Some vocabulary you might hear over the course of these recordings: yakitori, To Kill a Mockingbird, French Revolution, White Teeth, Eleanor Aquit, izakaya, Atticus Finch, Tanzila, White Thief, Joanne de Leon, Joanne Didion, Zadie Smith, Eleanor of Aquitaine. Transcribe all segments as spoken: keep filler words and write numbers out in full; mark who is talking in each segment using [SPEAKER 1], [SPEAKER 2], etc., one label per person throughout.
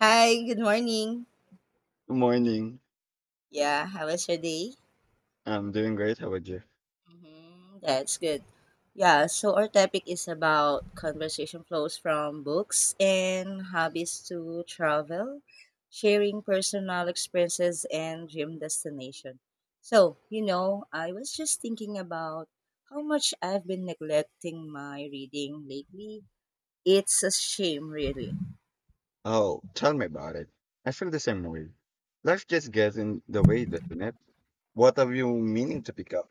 [SPEAKER 1] Hi, good morning.
[SPEAKER 2] Good morning.
[SPEAKER 1] Yeah, how was your day?
[SPEAKER 2] I'm doing great. How about you?
[SPEAKER 1] hmm That's good. Yeah, so our topic is about conversation flows from books and hobbies to travel, sharing personal experiences and dream destination. So, you know, I was just thinking about how much I've been neglecting my reading lately. It's a shame, really.
[SPEAKER 2] Oh, tell me about it. I feel the same way. Life just gets in the way, doesn't it? What are you meaning to pick up?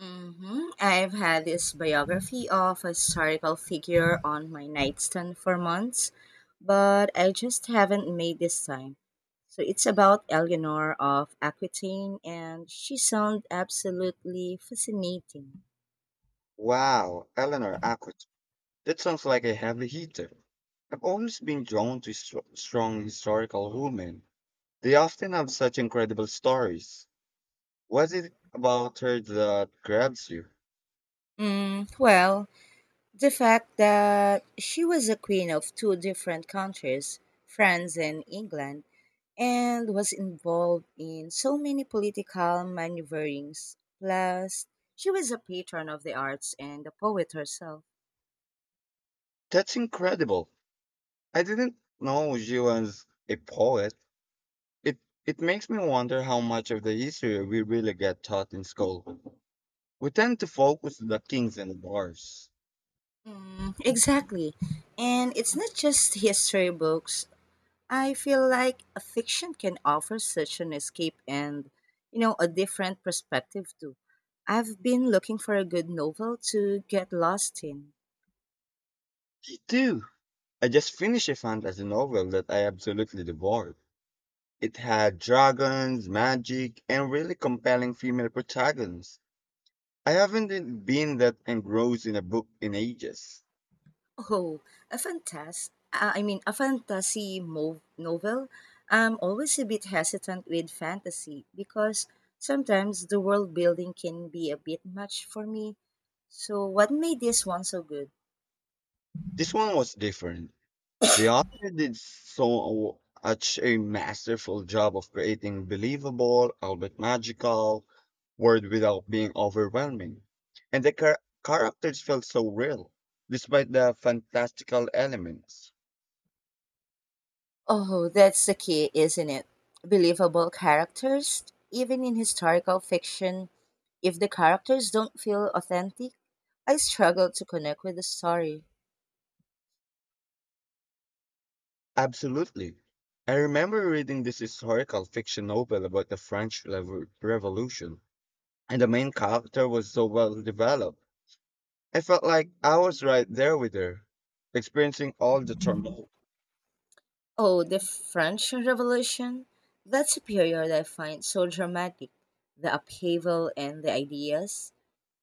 [SPEAKER 1] hmm I've had this biography of a historical figure on my nightstand for months, but I just haven't made this time. So it's about Eleanor of Aquitaine, and she sounds absolutely fascinating.
[SPEAKER 2] Wow, Eleanor Aquit. That sounds like a heavy hitter. I've always been drawn to stro- strong historical women. They often have such incredible stories. What is it about her that grabs you?
[SPEAKER 1] Mm, well, the fact that she was a queen of two different countries, France and England, and was involved in so many political maneuverings. Plus, she was a patron of the arts and a poet herself.
[SPEAKER 2] That's incredible. I didn't know she was a poet. It it makes me wonder how much of the history we really get taught in school. We tend to focus on the kings and the bars.
[SPEAKER 1] Mm, exactly. And it's not just history books. I feel like a fiction can offer such an escape and, you know, a different perspective too. I've been looking for a good novel to get lost in.
[SPEAKER 2] Me too. I just finished a fantasy novel that I absolutely devoured. It had dragons, magic, and really compelling female protagonists. I haven't been that engrossed in a book in ages.
[SPEAKER 1] Oh, a fantas- uh, I mean, a fantasy mo- novel. I'm always a bit hesitant with fantasy because sometimes the world building can be a bit much for me. So, what made this one so good?
[SPEAKER 2] This one was different. The author did so such a masterful job of creating believable, albeit magical, world without being overwhelming. And the char- characters felt so real, despite the fantastical elements.
[SPEAKER 1] Oh, that's the key, isn't it? Believable characters, even in historical fiction. If the characters don't feel authentic, I struggle to connect with the story.
[SPEAKER 2] Absolutely. I remember reading this historical fiction novel about the French Revo- Revolution, and the main character was so well developed. I felt like I was right there with her, experiencing all the turmoil.
[SPEAKER 1] Oh, the French Revolution? That's a period I find so dramatic. The upheaval and the ideas.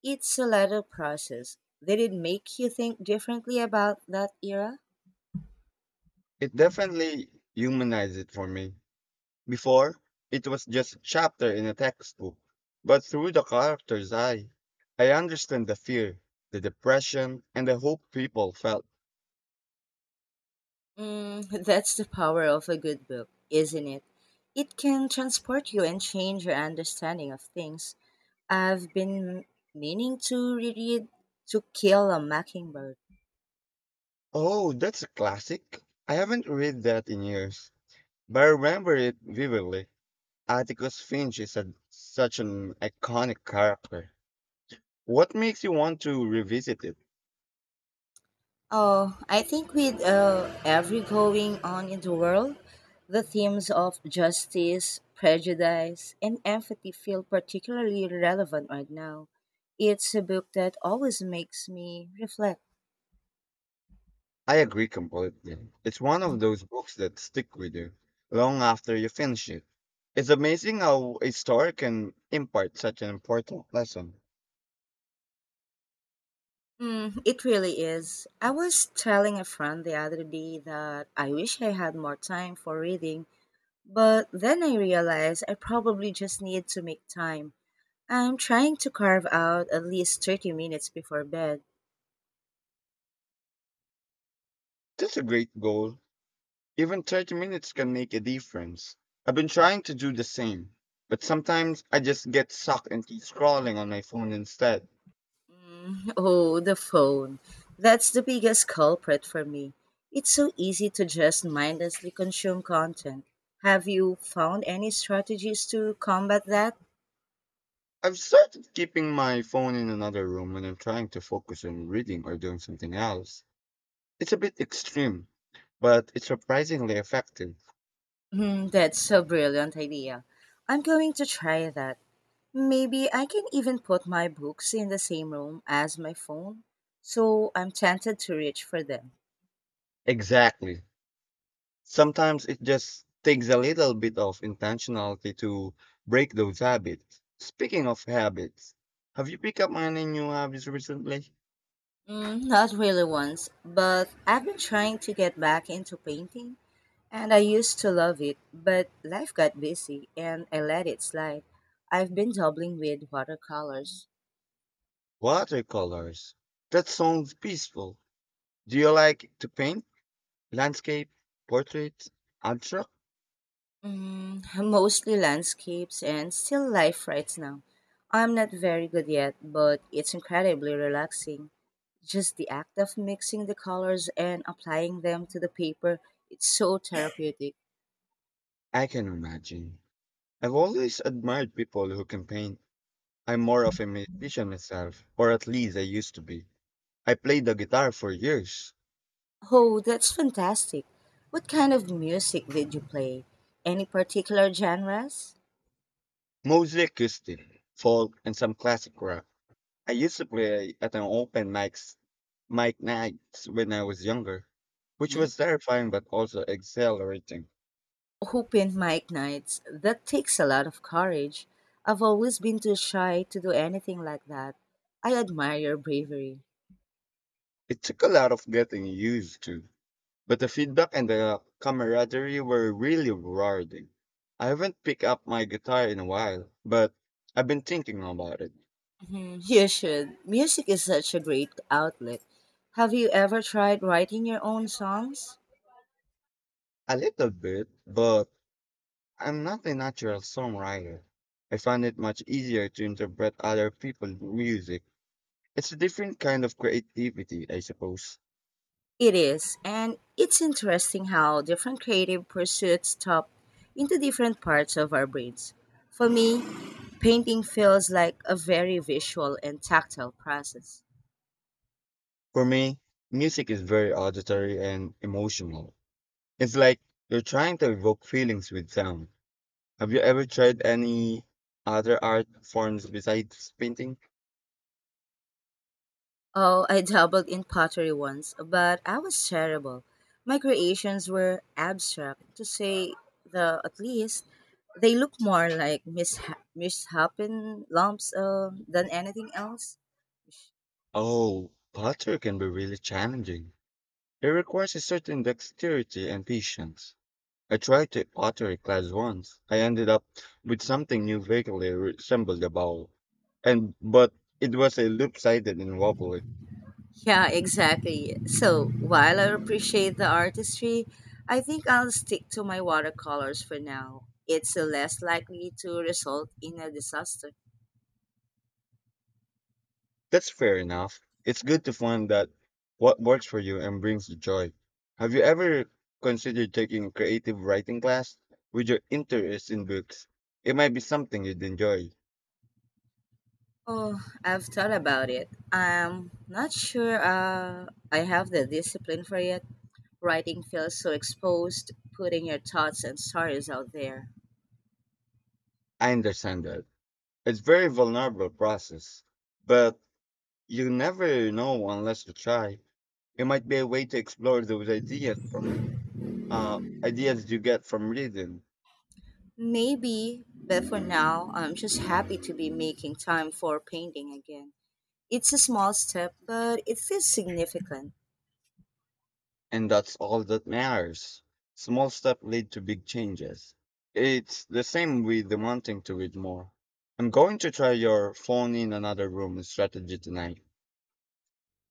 [SPEAKER 1] It's a lateral process. Did it make you think differently about that era?
[SPEAKER 2] It definitely humanized it for me. Before, it was just a chapter in a textbook, but through the character's eye, I understand the fear, the depression, and the hope people felt.
[SPEAKER 1] Mm, that's the power of a good book, isn't it? It can transport you and change your understanding of things. I've been meaning to reread To Kill a Mockingbird.
[SPEAKER 2] Oh, that's a classic. I haven't read that in years, but I remember it vividly. Atticus Finch is a, such an iconic character. What makes you want to revisit it?
[SPEAKER 1] Oh, I think with uh, every going on in the world, the themes of justice, prejudice, and empathy feel particularly relevant right now. It's a book that always makes me reflect.
[SPEAKER 2] I agree completely. It's one of those books that stick with you long after you finish it. It's amazing how a story can impart such an important lesson.
[SPEAKER 1] Mm, it really is. I was telling a friend the other day that I wish I had more time for reading, but then I realized I probably just need to make time. I'm trying to carve out at least thirty minutes before bed.
[SPEAKER 2] That's a great goal. Even thirty minutes can make a difference. I've been trying to do the same, but sometimes I just get sucked into scrolling on my phone instead.
[SPEAKER 1] Mm, Oh, the phone. That's the biggest culprit for me. It's so easy to just mindlessly consume content. Have you found any strategies to combat that?
[SPEAKER 2] I've started keeping my phone in another room when I'm trying to focus on reading or doing something else. It's a bit extreme, but it's surprisingly effective.
[SPEAKER 1] Mm, that's a brilliant idea. I'm going to try that. Maybe I can even put my books in the same room as my phone, so I'm tempted to reach for them.
[SPEAKER 2] Exactly. Sometimes it just takes a little bit of intentionality to break those habits. Speaking of habits, have you picked up any new habits recently?
[SPEAKER 1] Mm, not really once, but I've been trying to get back into painting. And I used to love it, but life got busy and I let it slide. I've been dabbling with watercolors,
[SPEAKER 2] Watercolors. That sounds peaceful. Do you like to paint? Landscape, portraits, abstract?
[SPEAKER 1] mm, mostly landscapes and still life right now. I'm not very good yet, but it's incredibly relaxing. Just the act of mixing the colors and applying them to the paper, it's so therapeutic.
[SPEAKER 2] I can imagine. I've always admired people who can paint. I'm more of a musician myself, or at least I used to be. I played the guitar for years,
[SPEAKER 1] Oh, that's fantastic. What kind of music did you play? Any particular genres?
[SPEAKER 2] mostly acoustic, folk, and some classic rock. I used to play at an open mics, mic nights when I was younger, which was terrifying but also exhilarating.
[SPEAKER 1] Opened mic nights. That takes a lot of courage. I've always been too shy to do anything like that. I admire your bravery.
[SPEAKER 2] It took a lot of getting used to, but the feedback and the camaraderie were really rewarding. I haven't picked up my guitar in a while, but I've been thinking about it
[SPEAKER 1] hmm You should. Music is such a great outlet. Have you ever tried writing your own songs?
[SPEAKER 2] a little bit, but I'm not a natural songwriter. I find it much easier to interpret other people's music. It's a different kind of creativity, I suppose.
[SPEAKER 1] It is, and it's interesting how different creative pursuits tap into different parts of our brains. For me, painting feels like a very visual and tactile process.
[SPEAKER 2] For me, music is very auditory and emotional. It's like you're trying to evoke feelings with sound. Have you ever tried any other art forms besides painting?
[SPEAKER 1] Oh, I dabbled in pottery once, but I was terrible. My creations were abstract, to say the at least. They look more like misha- misshapen lumps uh, than anything else.
[SPEAKER 2] Oh, pottery can be really challenging. It requires a certain dexterity and patience. I tried to pottery class once. I ended up with something new vaguely resembled a bowl. And but it was a loop-sided and wobbly.
[SPEAKER 1] Yeah, exactly. So while I appreciate the artistry, I think I'll stick to my watercolors for now. It's uh, less likely to result in a disaster.
[SPEAKER 2] That's fair enough. It's good to find that what works for you and brings you joy. Have you ever considered taking a creative writing class with your interest in books? It might be something you'd enjoy.
[SPEAKER 1] Oh, I've thought about it. I'm not sure uh, I have the discipline for it. Writing feels so exposed, putting your thoughts and stories out there.
[SPEAKER 2] I understand that. It's very vulnerable process, but you never know unless you try. It might be a way to explore those ideas from uh, ideas you get from reading.
[SPEAKER 1] Maybe, but for now, I'm just happy to be making time for painting again. It's a small step, but it feels significant.
[SPEAKER 2] And that's all that matters. Small steps lead to big changes. It's the same with the wanting to read more. I'm going to try your phone in another room strategy tonight.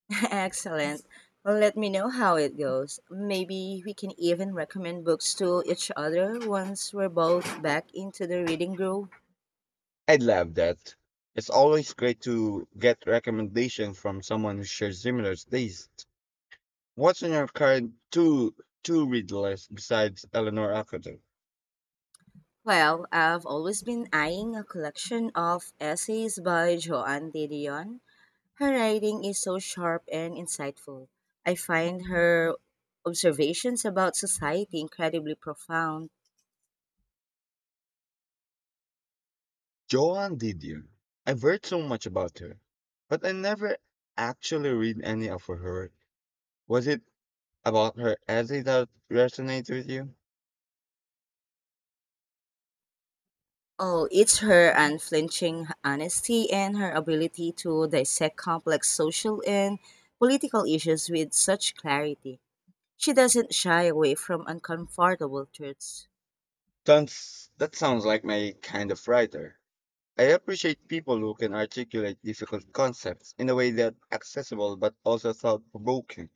[SPEAKER 1] Excellent. Let me know how it goes. Maybe we can even recommend books to each other once we're both back into the reading groove.
[SPEAKER 2] I love that. It's always great to get recommendations from someone who shares similar tastes. What's on your current two two read list besides Eleanor Academ?
[SPEAKER 1] Well, I've always been eyeing a collection of essays by Joanne de Leon. Her writing is so sharp and insightful. I find her observations about society incredibly profound.
[SPEAKER 2] Joanne Didion. I've heard so much about her, but I never actually read any of her work. Was it about her essay that resonates with you?
[SPEAKER 1] Oh, it's her unflinching honesty and her ability to dissect complex social and political issues with such clarity. She doesn't shy away from uncomfortable truths.
[SPEAKER 2] That's, that sounds like my kind of writer. I appreciate people who can articulate difficult concepts in a way that's accessible but also thought provoking.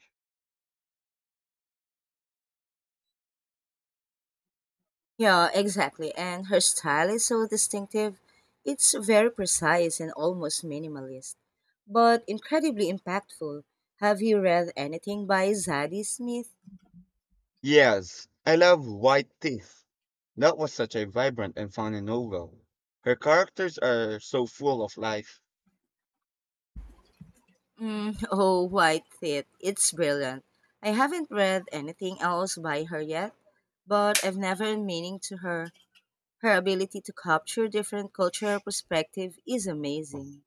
[SPEAKER 1] Yeah, exactly. And her style is so distinctive. It's very precise and almost minimalist, but incredibly impactful. Have you read anything by Zadie Smith?
[SPEAKER 2] Yes, I love White Teeth. That was such a vibrant and funny novel. Her characters are so full of life.
[SPEAKER 1] Mm, oh, White Thief. It's brilliant. I haven't read anything else by her yet, but I've never been meaning to her. Her ability to capture different cultural perspective is amazing.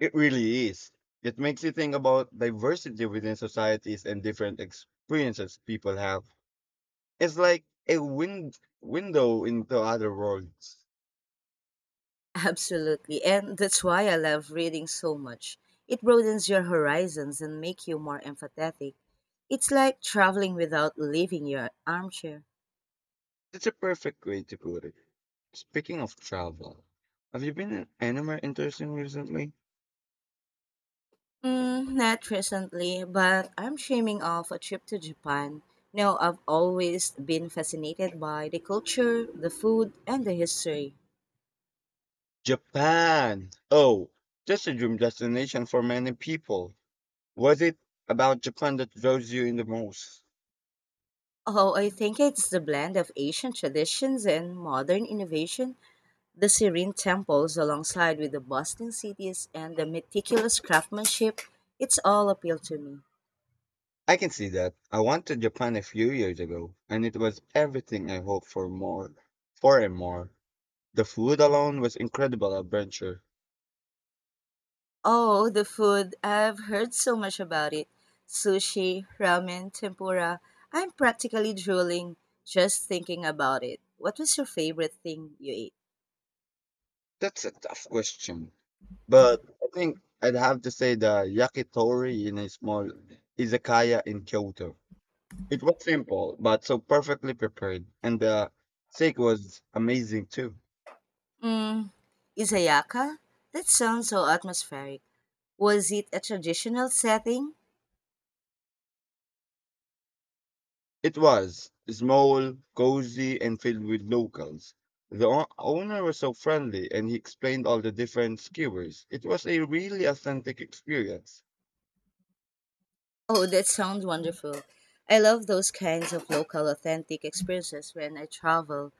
[SPEAKER 2] It really is. It makes you think about diversity within societies and different experiences people have. It's like a wind window into other worlds.
[SPEAKER 1] Absolutely. And that's why I love reading so much. It broadens your horizons and make you more empathetic. It's like traveling without leaving your armchair.
[SPEAKER 2] It's a perfect way to put it. Speaking of travel, have you been anywhere interesting recently?
[SPEAKER 1] Mm, not recently, but I'm dreaming of a trip to Japan. Now, I've always been fascinated by the culture, the food, and the history.
[SPEAKER 2] Japan. Oh, that's a dream destination for many people. Was it about Japan that draws you in the most?
[SPEAKER 1] Oh, I think it's the blend of Asian traditions and modern innovation. The serene temples, alongside with the bustling cities and the meticulous craftsmanship, it's all appeal to me.
[SPEAKER 2] I can see that. I went to Japan a few years ago, and it was everything I hoped for more, for and more. The food alone was incredible adventure.
[SPEAKER 1] Oh, the food! I've heard so much about it. Sushi, ramen, tempura. I'm practically drooling just thinking about it. What was your favorite thing you ate?
[SPEAKER 2] That's a tough question. But I think I'd have to say the yakitori in a small izakaya in Kyoto. It was simple, but so perfectly prepared, and the steak was amazing too.
[SPEAKER 1] Mm, Izayaka? That sounds so atmospheric. Was it a traditional setting?
[SPEAKER 2] It was small, cozy, and filled with locals. The o- owner was so friendly, and he explained all the different skewers. It was a really authentic experience.
[SPEAKER 1] Oh, that sounds wonderful. I love those kinds of local authentic experiences when I travel.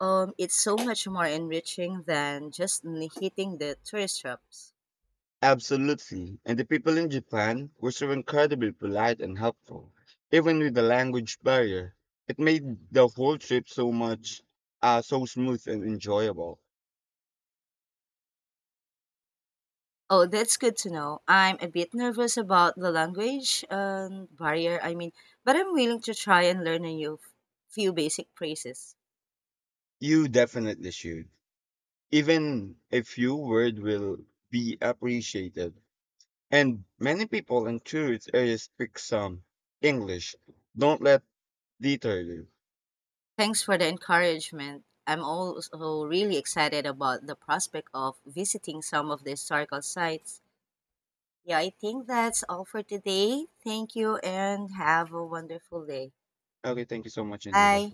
[SPEAKER 1] Um, it's so much more enriching than just n- hitting the tourist traps.
[SPEAKER 2] Absolutely. And the people in Japan were so incredibly polite and helpful, even with the language barrier. It made the whole trip so much, uh, so smooth and enjoyable.
[SPEAKER 1] Oh, that's good to know. I'm a bit nervous about the language and barrier, I mean, but I'm willing to try and learn a new f- few basic phrases.
[SPEAKER 2] You definitely should. Even a few words will be appreciated. And many people in tourist areas speak some English. Don't let deter you.
[SPEAKER 1] Thanks for the encouragement. I'm also really excited about the prospect of visiting some of the historical sites. Yeah, I think that's all for today. Thank you and have a wonderful day.
[SPEAKER 2] Okay, thank you so much and give off.
[SPEAKER 1] Bye.